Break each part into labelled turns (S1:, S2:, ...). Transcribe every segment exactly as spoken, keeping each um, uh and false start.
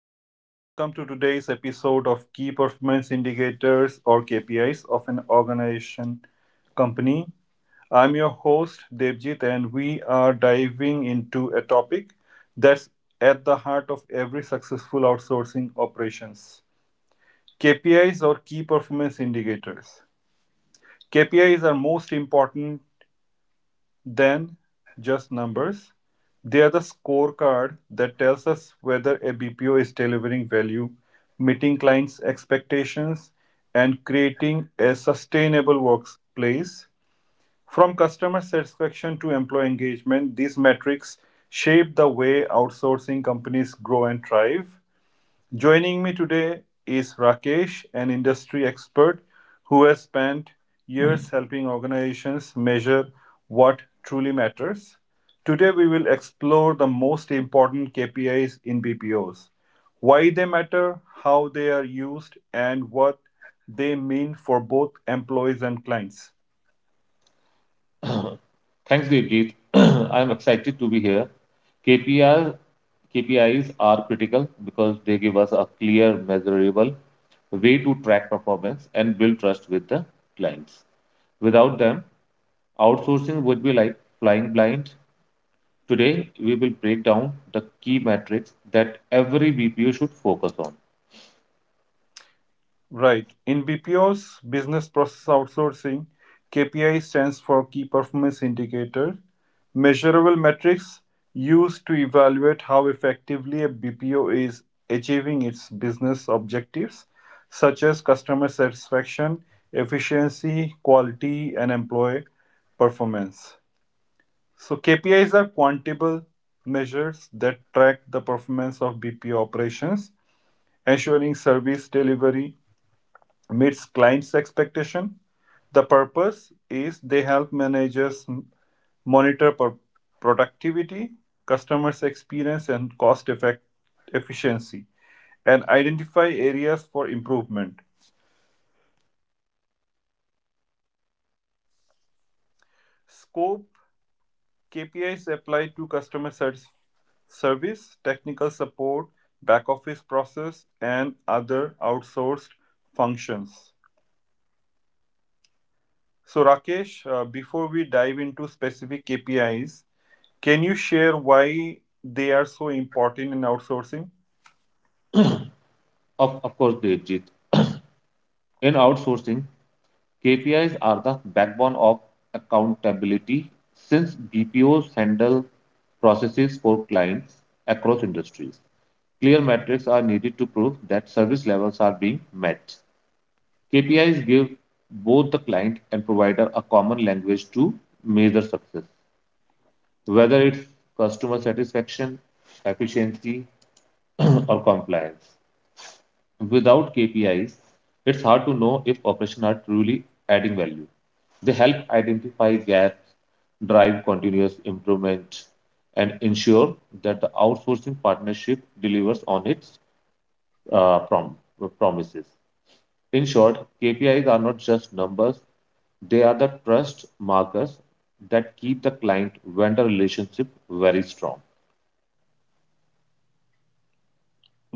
S1: Hello and welcome to today's episode of Key Performance Indicators or K P Is of an organization company. I'm your host Devjit, and we are diving into a topic that's at the heart of every successful outsourcing operations. K P Is or key performance indicators. K P Is are most important then, just numbers. They are the scorecard that tells us whether a B P O is delivering value, meeting clients' expectations, and creating a sustainable workplace. From customer satisfaction to employee engagement, these metrics shape the way outsourcing companies grow and thrive. Joining me today is Rakesh, an industry expert who has spent years helping organizations measure what truly matters. Today, we will explore the most important K P Is in B P Os, why they matter, how they are used, and what they mean for both employees and clients.
S2: Thanks, Devjit. I'm excited to be here. K P R K P Is are critical because they give us a clear, measurable way to track performance and build trust with the clients. Without them, outsourcing would be like flying blind. Today, we will break down the key metrics that every B P O should focus on.
S1: Right. In B P O's business process outsourcing, K P I stands for Key Performance Indicator, measurable metrics used to evaluate how effectively a B P O is achieving its business objectives, such as customer satisfaction, efficiency, quality, and employee performance. So, K P Is are quantable measures that track the performance of B P O operations, ensuring service delivery meets clients' expectation. The purpose is they help managers m- monitor pro- productivity, customers' experience, and cost effect efficiency, and identify areas for improvement. Scope K P Is apply to customer sat- service, technical support, back office process, and other outsourced functions. So, Rakesh, uh, before we dive into specific K P Is, can you share why they are so important in outsourcing?
S2: Of, of course, Devjit, in outsourcing, K P Is are the backbone of accountability since B P Os handle processes for clients across industries. Clear metrics are needed to prove that service levels are being met. K P Is give both the client and provider a common language to measure success, whether it's customer satisfaction, efficiency, or compliance. Without K P Is, it's hard to know if operations are truly adding value. They help identify gaps, drive continuous improvement, and ensure that the outsourcing partnership delivers on its uh, prom- promises. In short, K P Is are not just numbers, they are the trust markers that keep the client vendor relationship very strong.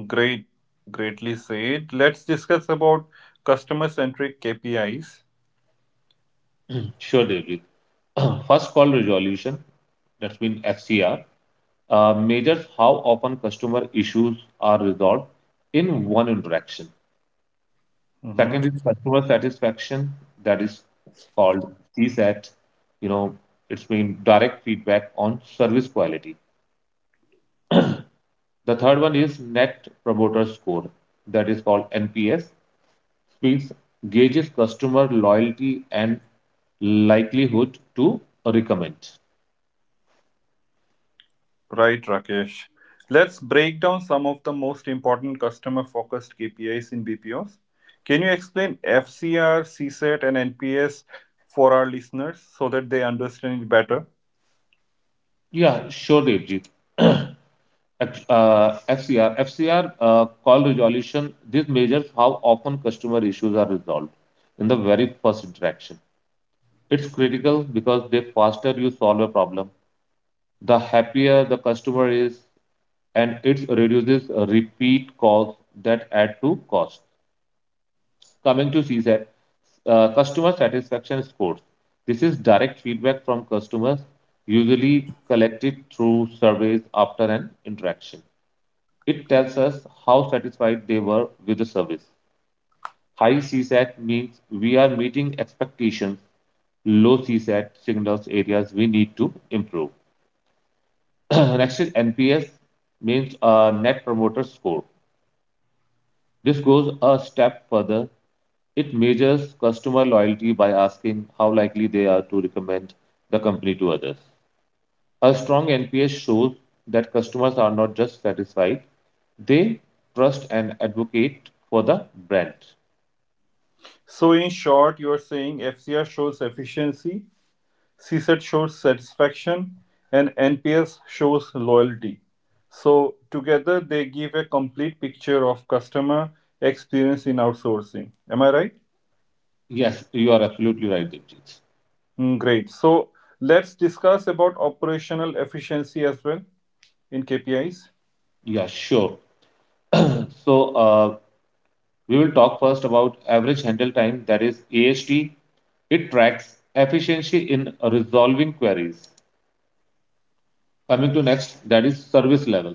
S1: Great, greatly said. Let's discuss about customer-centric K P Is.
S2: Sure, David. First call resolution, that's been F C R, uh, measures how often customer issues are resolved in one interaction.
S1: Mhm.
S2: Second is customer satisfaction, that is called CSAT. You know, it's mean direct feedback on service quality. The third one is Net Promoter Score, that is called N P S. Speaks gauges customer loyalty and likelihood to recommend.
S1: Right, Rakesh. Let's break down some of the most important customer-focused K P Is in B P Os. Can you explain F C R, C SAT, and N P S for our listeners so that they understand it better?
S2: Yeah, sure, Devjit. uh, F C R. F C R uh, call resolution. This measures how often customer issues are resolved in the very first interaction. It's critical because the faster you solve a problem, the happier the customer is, and it reduces repeat calls that add to cost. Coming to CSAT, uh, customer satisfaction scores. This is direct feedback from customers, usually collected through surveys after an interaction. It tells us how satisfied they were with the service. High CSAT means we are meeting expectations. Low CSAT signals areas we need to improve. Next is N P S means uh, Net Promoter Score. This goes a step further. It measures customer loyalty by asking how likely they are to recommend the company to others. A strong N P S shows that customers are not just satisfied, they trust and advocate for the brand.
S1: So, in short, you're saying F C R shows efficiency, C SAT shows satisfaction, and N P S shows loyalty. So together they give a complete picture of customer experience in outsourcing. Am I right?
S2: Yes, you are absolutely right, Devjit.
S1: Mm, great. So let's discuss about operational efficiency as well in K P Is.
S2: Yeah, sure. So, uh, we will talk first about average handle time, that is A H T. It tracks efficiency in resolving queries. Coming to next, that is service level.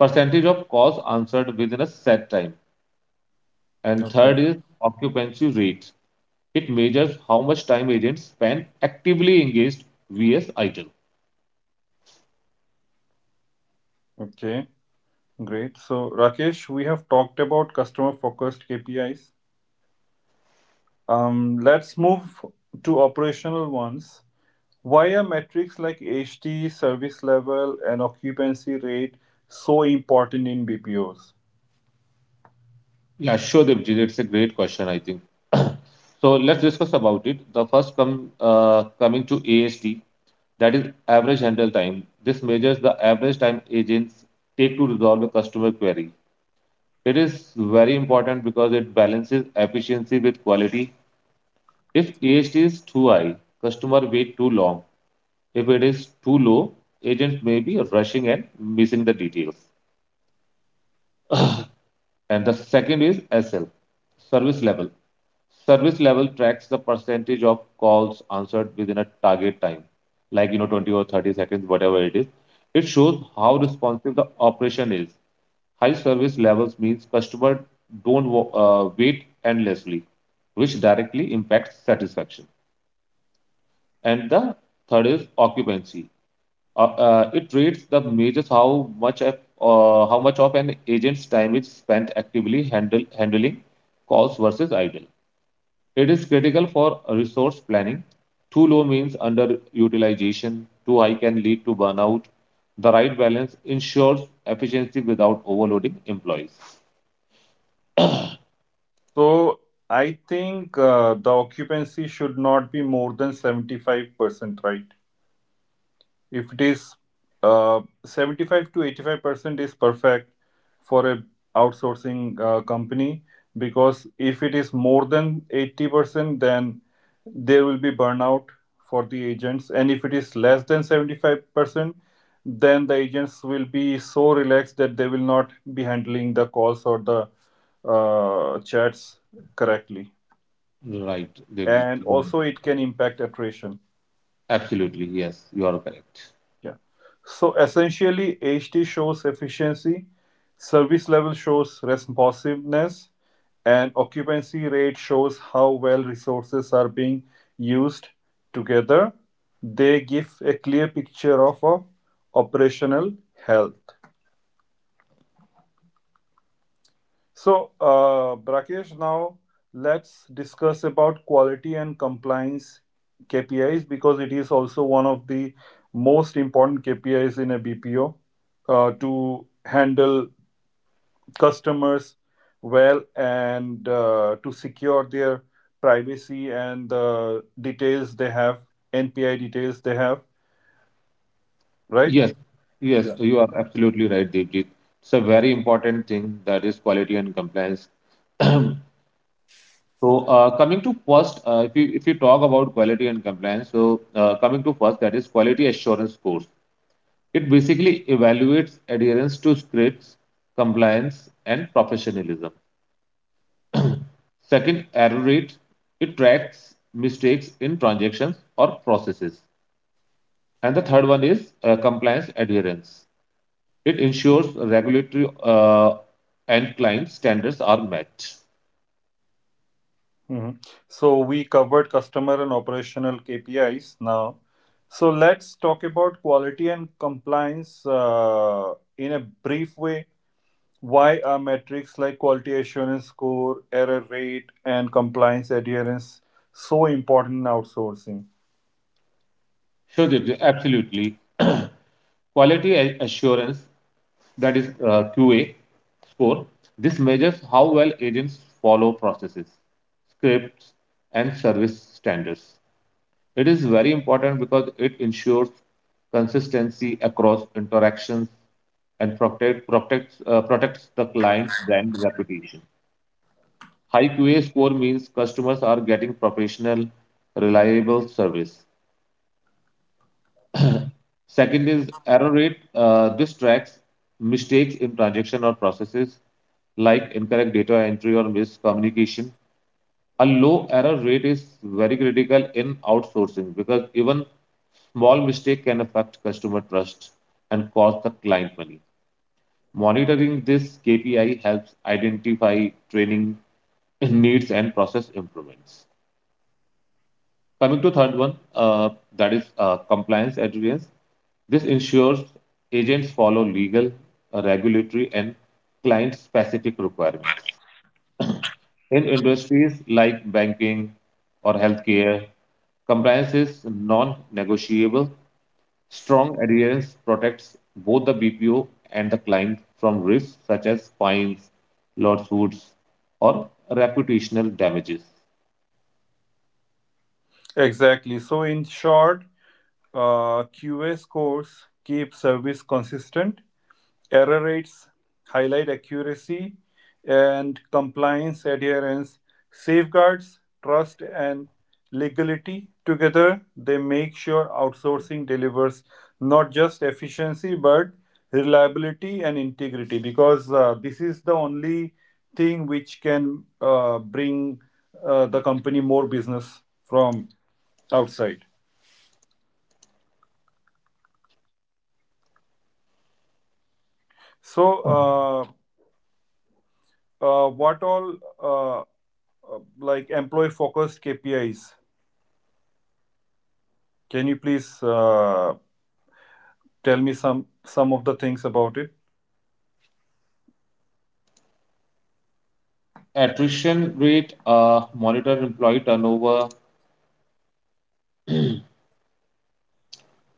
S2: Percentage of calls answered within a set time. And
S1: Okay.
S2: third is occupancy rate. It measures how much time agents spend actively engaged vs idle.
S1: Okay. Great. So Rakesh, we have talked about customer focused K P Is. Um, let's move to operational ones. Why are metrics like H T, service level, and occupancy rate so important in B P Os?
S2: Yeah, sure, Devjit. It's a great question, I think. So let's discuss about it. The first come uh, coming to A S T, that is average handle time. This measures the average time agents take to resolve a customer query. It is very important because it balances efficiency with quality. If A S T is too high, customer wait too long. If it is too low, agents may be rushing and missing the details. And the second is S L, service level. Service level tracks the percentage of calls answered within a target time, like you know twenty or thirty seconds, whatever it is. It shows how responsive the operation is. High service levels means customers don't uh, wait endlessly, which directly impacts satisfaction. And the third is occupancy. Uh, uh, it reads the measures how much of, uh, how much of an agent's time is spent actively handle, handling calls versus idle. It is critical for resource planning. Too low means underutilization. Too high can lead to burnout. The right balance ensures efficiency without overloading employees.
S1: So I think uh, the occupancy should not be more than seventy-five percent, right? If it is uh, seventy-five to eighty-five percent, is perfect for a outsourcing uh, company, because if it is more than eighty percent, then there will be burnout for the agents, and if it is less than seventy-five percent, then the agents will be so relaxed that they will not be handling the calls or the uh, chats correctly,
S2: Right, Devjit,
S1: and
S2: you are-
S1: also it can impact attrition.
S2: absolutely. Yes, you are correct.
S1: Yeah. So essentially, H T shows efficiency, service level shows responsiveness, and occupancy rate shows how well resources are being used together. They give a clear picture of our operational health. So, uh, Brakesh, now let's discuss about quality and compliance K P Is, because it is also one of the most important K P Is in a B P O uh, to handle customers well and uh, to secure their privacy and the details they have, N P I details they have, right?
S2: Yes, yes, you are absolutely right, Devjit. It's a very important thing that is quality and compliance. So uh, coming to first, uh, if you if you talk about quality and compliance, so uh, coming to first, that is quality assurance course. It basically evaluates adherence to scripts, compliance, and professionalism. Second, error rate. It tracks mistakes in transactions or processes. And the third one is uh, compliance adherence. It ensures regulatory uh, and client standards are met.
S1: Mhm. So we covered customer and operational K P Is now. So let's talk about quality and compliance uh, in a brief way. Why are metrics like quality assurance score, error rate, and compliance adherence so important in outsourcing?
S2: Sure, Divya, absolutely. Quality a- assurance, that is uh, Q A score, this measures how well agents follow processes, scripts, and service standards. It is very important because it ensures consistency across interactions and protect, protects, uh, protects the client's brand reputation. High Q A score means customers are getting professional, reliable service. Second is error rate. Uh, this tracks mistakes in transaction or processes like incorrect data entry or miscommunication. A low error rate is very critical in outsourcing because even small mistake can affect customer trust and cost the client money. Monitoring this K P I helps identify training needs and process improvements. Coming to third one, uh, that is uh, compliance adherence. This ensures agents follow legal, uh, regulatory, and client-specific requirements. In industries like banking or healthcare, compliance is non-negotiable. Strong adherence protects both the B P O and the client from risks such as fines, lawsuits, or reputational damages.
S1: Exactly. So in short, uh, Q A scores keep service consistent, error rates highlight accuracy, and compliance adherence safeguards trust and legality. Together, they make sure outsourcing delivers not just efficiency but reliability and integrity, because uh, this is the only thing which can uh, bring uh, the company more business from outside. So, uh, uh, what all? uh, uh, like employee focused K P Is. Can you please uh, tell me some some of the things about it?
S2: Attrition rate, uh, monitor employee turnover,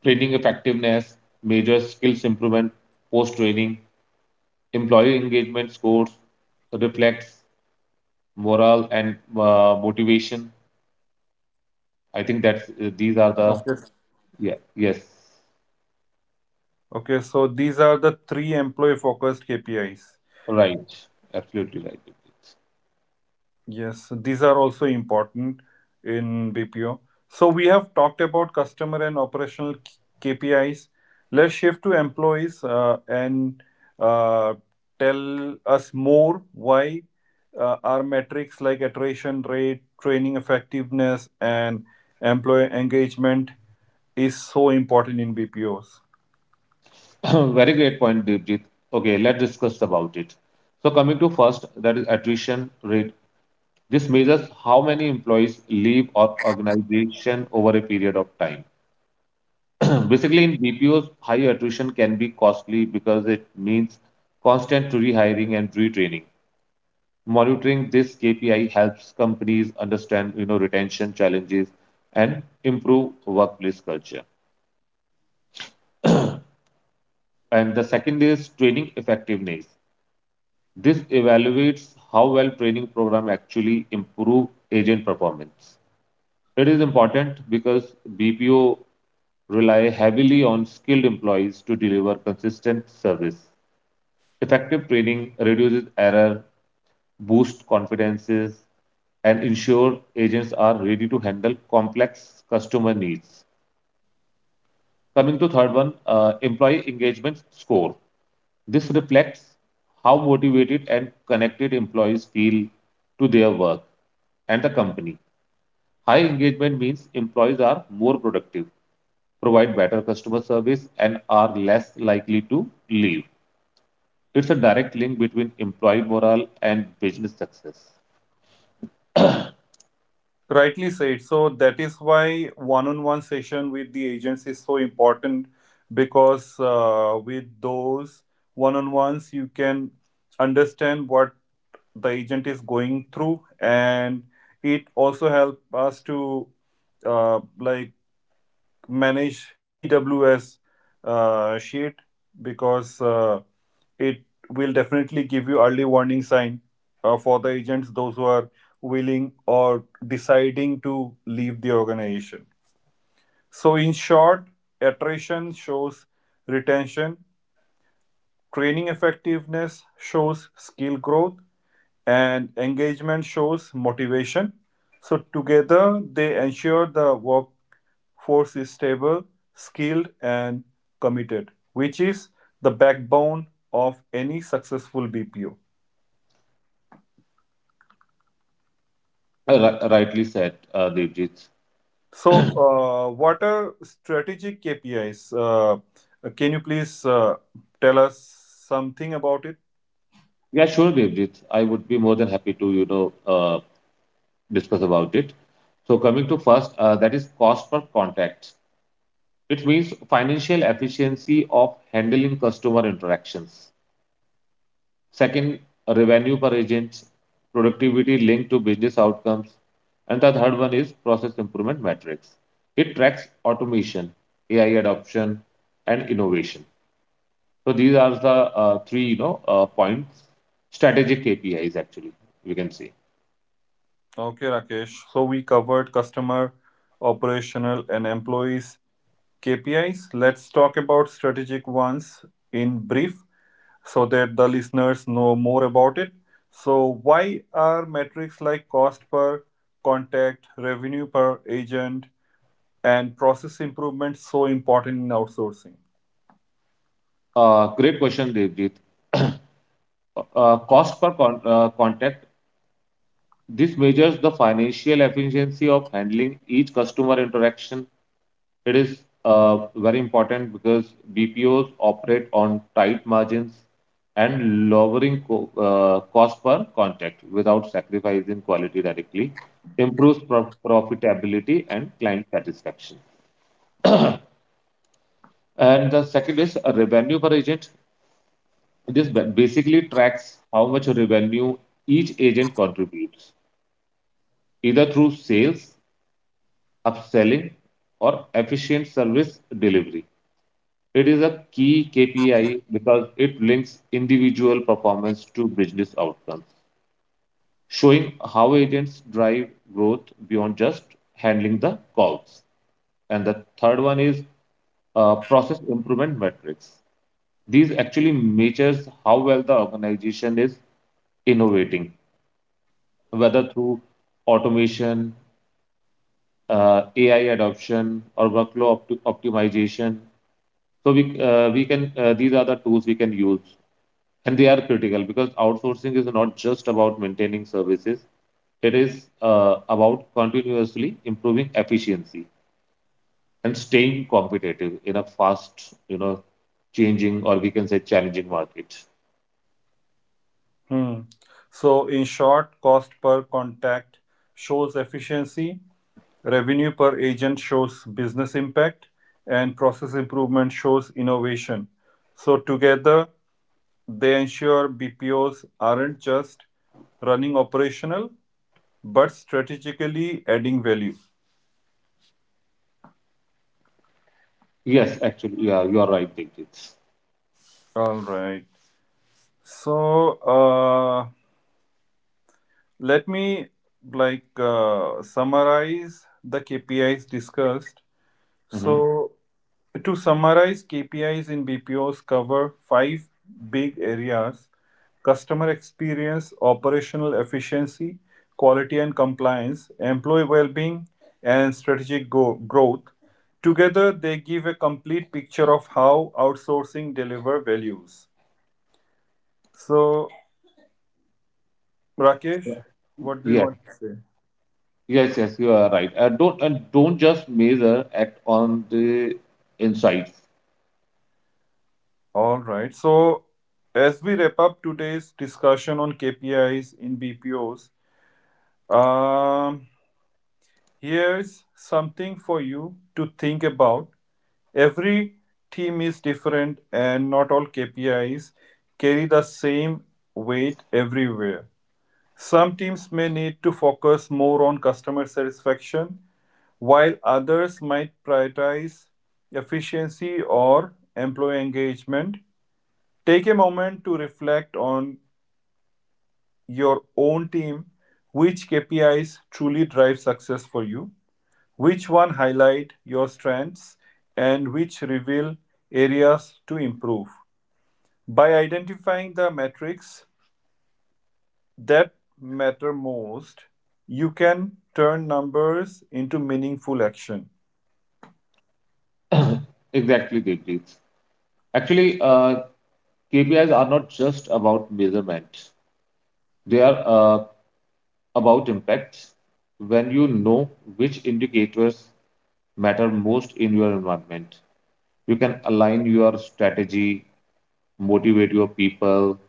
S2: training effectiveness, measure skills improvement post training, employee engagement scores, reflects morale and uh, motivation. I think that's uh, these are the
S1: Okay.
S2: yeah yes
S1: Okay, so these are the three employee focused K P Is.
S2: right absolutely right.
S1: Yes, these are also important in B P O. So we have talked about customer and operational k- KPIs. Let's shift to employees uh, and uh, tell us more why uh, our metrics like attrition rate, training effectiveness, and employee engagement is so important in B P Os.
S2: Devjit. Very great point, Devjit. Okay, let's discuss about it. So coming to first, that is attrition rate. This measures how many employees leave our organization over a period of time. Basically, in B P Os, high attrition can be costly because it means constant rehiring and retraining. Monitoring this K P I helps companies understand, you know, retention challenges and improve workplace culture. And the second is training effectiveness. This evaluates how well training program actually improve agent performance. It is important because B P O rely heavily on skilled employees to deliver consistent service. Effective training reduces error, boosts confidences, and ensure agents are ready to handle complex customer needs. Coming to third one, uh, employee engagement score. This reflects how motivated and connected employees feel to their work and the company. High engagement means employees are more productive, provide better customer service, and are less likely to leave. It's a direct link between employee morale and business success.
S1: Rightly said. So that is why one-on-one session with the agents is so important, because uh, with those one-on-ones you can understand what the agent is going through, and it also help us to uh, like manage E W S uh, sheet, because uh, it will definitely give you early warning sign uh, for the agents those who are willing or deciding to leave the organization. So in short, attrition shows retention, training effectiveness shows skill growth, and engagement shows motivation. So together they ensure the work force is stable, skilled, and committed, which is the backbone of any successful B P O.
S2: Uh, rightly said, uh, Devjit.
S1: So, uh, what are strategic K P Is? Uh, can you please uh, tell us something about it?
S2: Yeah, sure, Devjit. I would be more than happy to, you know, uh, discuss about it. So coming to first, uh, that is cost per contact. It means financial efficiency of handling customer interactions. Second, revenue per agent, productivity linked to business outcomes. And the third one is process improvement metrics. It tracks automation, A I adoption, and innovation. So these are the uh, three, you know, uh, points, strategic K P Is actually, we can say.
S1: Okay, Rakesh. So, we covered customer, operational, and employees K P Is. Let's talk about strategic ones in brief, so that the listeners know more about it. So, why are metrics like cost per contact, revenue per agent, and process improvement so important in outsourcing?
S2: Uh, great question, Devjit. uh, cost per con- uh, contact. This measures the financial efficiency of handling each customer interaction. It is uh, very important because B P Os operate on tight margins and lowering co- uh, cost per contact without sacrificing quality directly improves prof- profitability and client satisfaction. And the second is a revenue per agent. This ba- basically tracks how much revenue each agent contributes, either through sales, upselling, or efficient service delivery. It is a key K P I because it links individual performance to business outcomes, showing how agents drive growth beyond just handling the calls. And the third one is uh, process improvement metrics. These actually measures how well the organization is innovating, whether through automation, uh, A I adoption, or workflow opt- optimization. So we uh, we can uh, These are the tools we can use, and they are critical because outsourcing is not just about maintaining services. It is uh, about continuously improving efficiency and staying competitive in a fast, you know, changing or we can say challenging market.
S1: Hmm. So, in short, cost per contact shows efficiency, revenue per agent shows business impact, and process improvement shows innovation. So, together, they ensure B P Os aren't just running operational, but strategically adding value.
S2: Yes, actually, yeah, you are right, Digit.
S1: All right. So uh, let me like uh, summarize the K P Is discussed. So,
S2: Hmm.
S1: to summarize, K P Is in B P Os cover five big areas: customer experience, operational efficiency, quality and compliance, employee well-being, and strategic go- growth. Together, they give a complete picture of how outsourcing deliver values. So, Rakesh, what do you
S2: Yeah.
S1: want to say?
S2: Yes, yes, you are right. And don't and don't just measure, act on the insights.
S1: All right. So, as we wrap up today's discussion on K P Is in B P Os, um, here's something for you to think about. Every team is different and not all K P Is carry the same weight everywhere. Some teams may need to focus more on customer satisfaction, while others might prioritize efficiency or employee engagement. Take a moment to reflect on your own team. Which K P Is truly drive success for you? Which one highlight your strengths and which reveal areas to improve? By identifying the metrics that matter most, you can turn numbers into meaningful action.
S2: Exactly, Deepti. Actually, uh, K P Is are not just about measurement. They are uh, about impact. When you know which indicators matter most in your environment, you can align your strategy, motivate your people,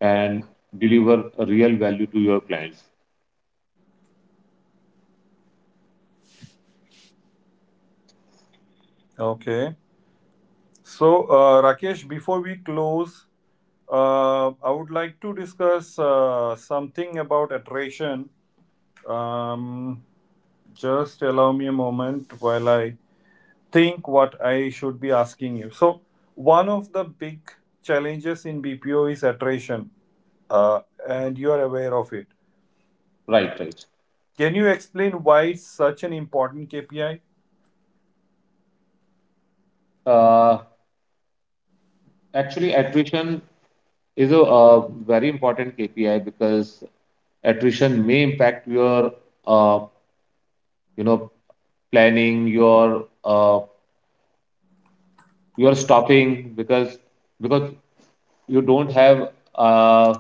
S2: and deliver real value to your clients.
S1: Okay. So, uh, Rakesh, before we close, uh, I would like to discuss uh, something about attrition. Um, just allow me a moment while I think what I should be asking you. So, one of the big challenges in B P O is attrition, uh, and you are aware of it.
S2: Right, right.
S1: Can you explain why it's such an important K P I?
S2: Uh, Actually, attrition is a uh, very important K P I because attrition may impact your uh, you know planning, your uh, your stopping because because you don't have uh,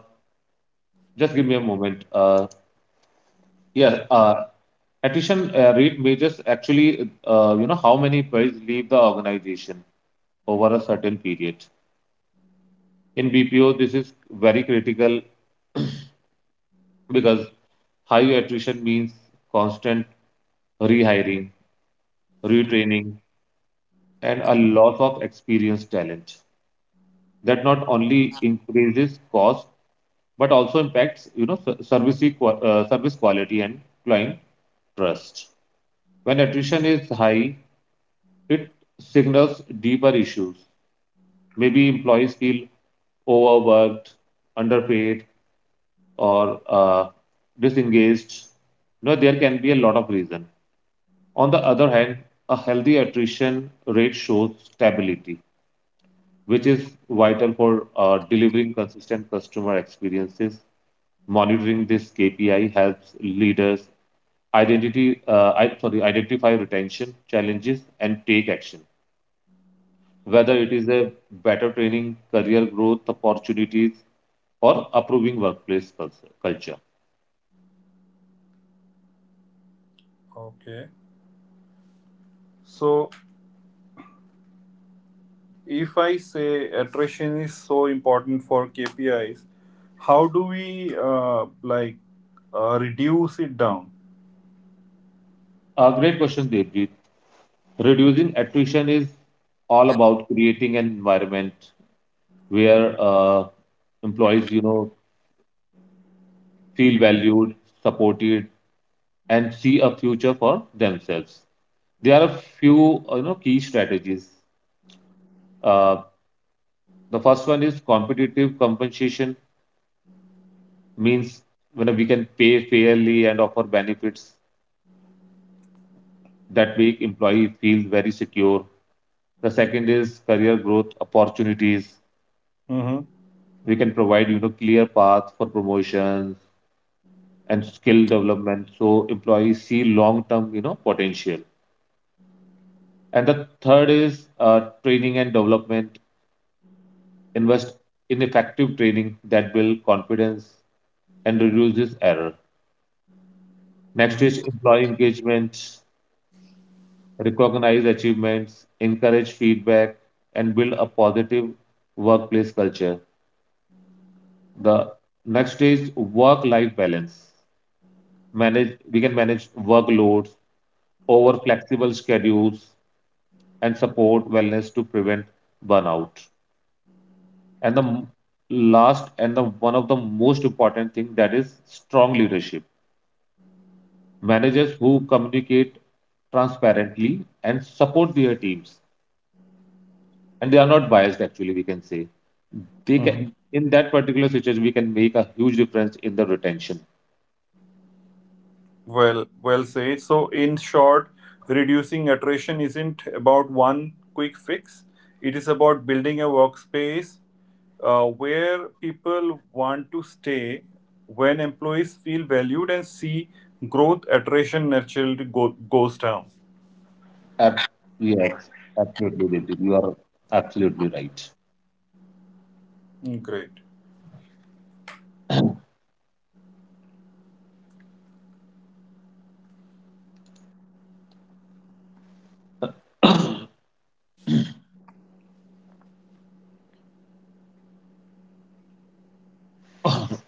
S2: just give me a moment. Uh, yeah, uh, Attrition uh, rate measures actually uh, you know how many employees leave the organization over a certain period. In B P O, this is very critical because high attrition means constant rehiring, retraining, and a loss of experienced talent. That not only increases cost but also impacts you know ser- service equa- uh, service quality and client trust. When attrition is high, it signals deeper issues. Maybe employees feel overworked, underpaid, or uh, disengaged. You know there can be a lot of reason. On the other hand, a healthy attrition rate shows stability, which is vital for uh, delivering consistent customer experiences. Monitoring this K P I helps leaders identity, uh, I, sorry, identify retention challenges and take action, whether it is a better training, career growth opportunities, or approving workplace culture.
S1: Okay. So, if I say attrition is so important for K P Is, how do we uh, like uh, reduce it down?
S2: A great question, Devjit. Reducing attrition is all about creating an environment where uh, employees, you know, feel valued, supported, and see a future for themselves. There are a few you know key strategies. Uh, the first one is competitive compensation, means when we can pay fairly and offer benefits that make employee feel very secure. The second is career growth opportunities.
S1: Mm-hmm.
S2: We can provide you know clear path for promotions and skill development so employees see long term you know potential. And the third is uh, training and development. Invest in effective training that builds confidence and reduces error. Next
S1: Mm-hmm.
S2: is employee engagement. Recognize achievements, encourage feedback, and build a positive workplace culture. The next is work-life balance. Manage, we can manage workloads over flexible schedules and support wellness to prevent burnout. And the m- last and the one of the most important thing that is strong leadership. Managers who communicate transparently and support their teams, and they are not biased actually we can say, they
S1: Mm-hmm.
S2: can in that particular situation we can make a huge difference in the retention.
S1: Well, well said. So, in short, reducing attrition isn't about one quick fix. It is about building a workspace uh, where people want to stay. When employees feel valued and see growth, attrition naturally go- goes down.
S2: Ab- yes, absolutely, Devjit. You are absolutely right.
S1: Hmm, great.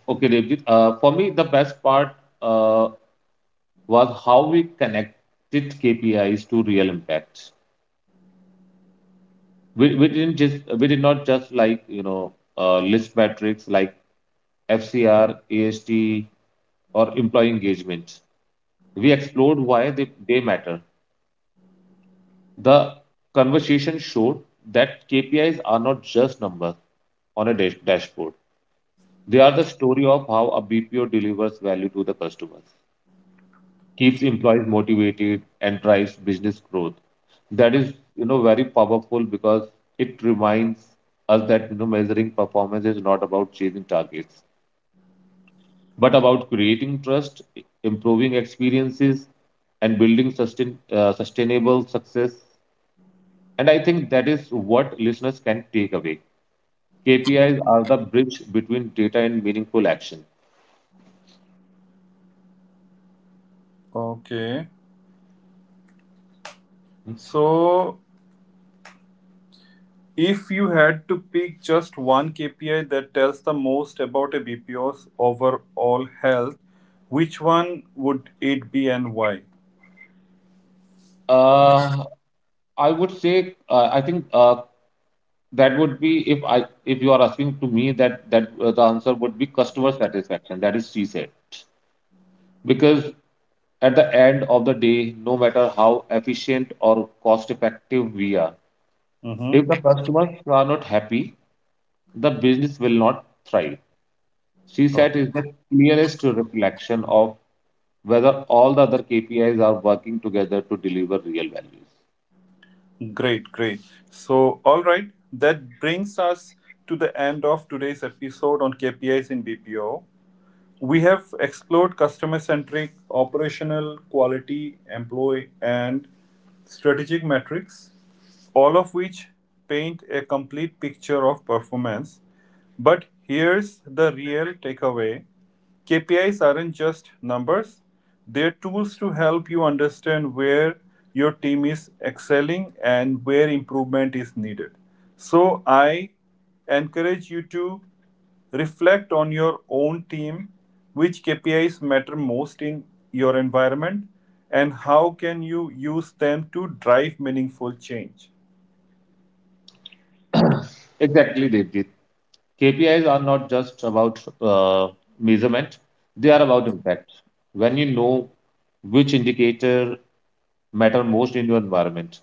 S2: Okay, Devjit. Uh, for me the best part uh, was how we connected kpis to real impacts. We, we didn't just we did not just like you know uh, list metrics like fcr ast or employee engagement. We explored why they, they matter. The conversation showed that K P Is are not just numbers on a dash- dashboard. They are the story of how a B P O delivers value to the customers, keeps employees motivated, and drives business growth. That is, you know, very powerful because it reminds us that you know measuring performance is not about chasing targets, but about creating trust, improving experiences, and building sustain, uh, sustainable success. And I think that is what listeners can take away. K P Is are the bridge between data and meaningful action.
S1: Okay. So, if you had to pick just one K P I that tells the most about a B P O's overall health, which one would it be, and why?
S2: Uh, I would say uh, I think uh, that would be if I if you are asking to me that that uh, the answer would be customer satisfaction. That is c said because at the end of the day, no matter how efficient or cost effective we are, if the
S1: Mm-hmm.
S2: customers are not happy, the business will not thrive.
S1: Oh,
S2: CSAT is the clearest reflection of whether all the other K P Is are working together to deliver real values.
S1: great, great. So, all right, that brings us to the end of today's episode on K P Is in B P O. We have explored customer-centric, operational, quality, employee, and strategic metrics, all of which paint a complete picture of performance. But here's the real takeaway. K P Is aren't just numbers. They're tools to help you understand where your team is excelling and where improvement is needed. So I encourage you to reflect on your own team. Which K P Is matter most in your environment, and how can you use them to drive meaningful change?
S2: Exactly, Devjit. K P Is are not just about uh, measurement, they are about impact. When you know which indicator matter most in your environment,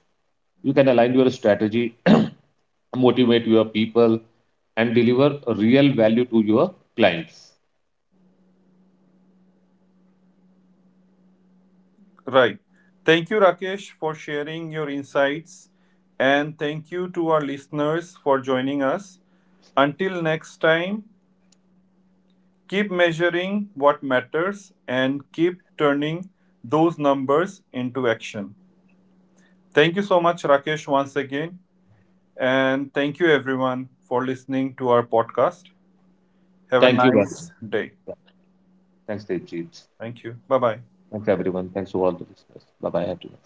S2: you can align your strategy, motivate your people, and deliver real value to your clients.
S1: Right. Thank you, Rakesh, for sharing your insights. And thank you to our listeners for joining us. Until next time, keep measuring what matters and keep turning those numbers into action. Thank you so much, Rakesh, once again. And thank you everyone for listening to our podcast. Have a
S2: Thank you, Varun.
S1: nice day.
S2: Thanks, Devjit.
S1: Thank you. Bye bye.
S2: Thanks, everyone. Thanks to all the listeners. Bye-bye, everyone.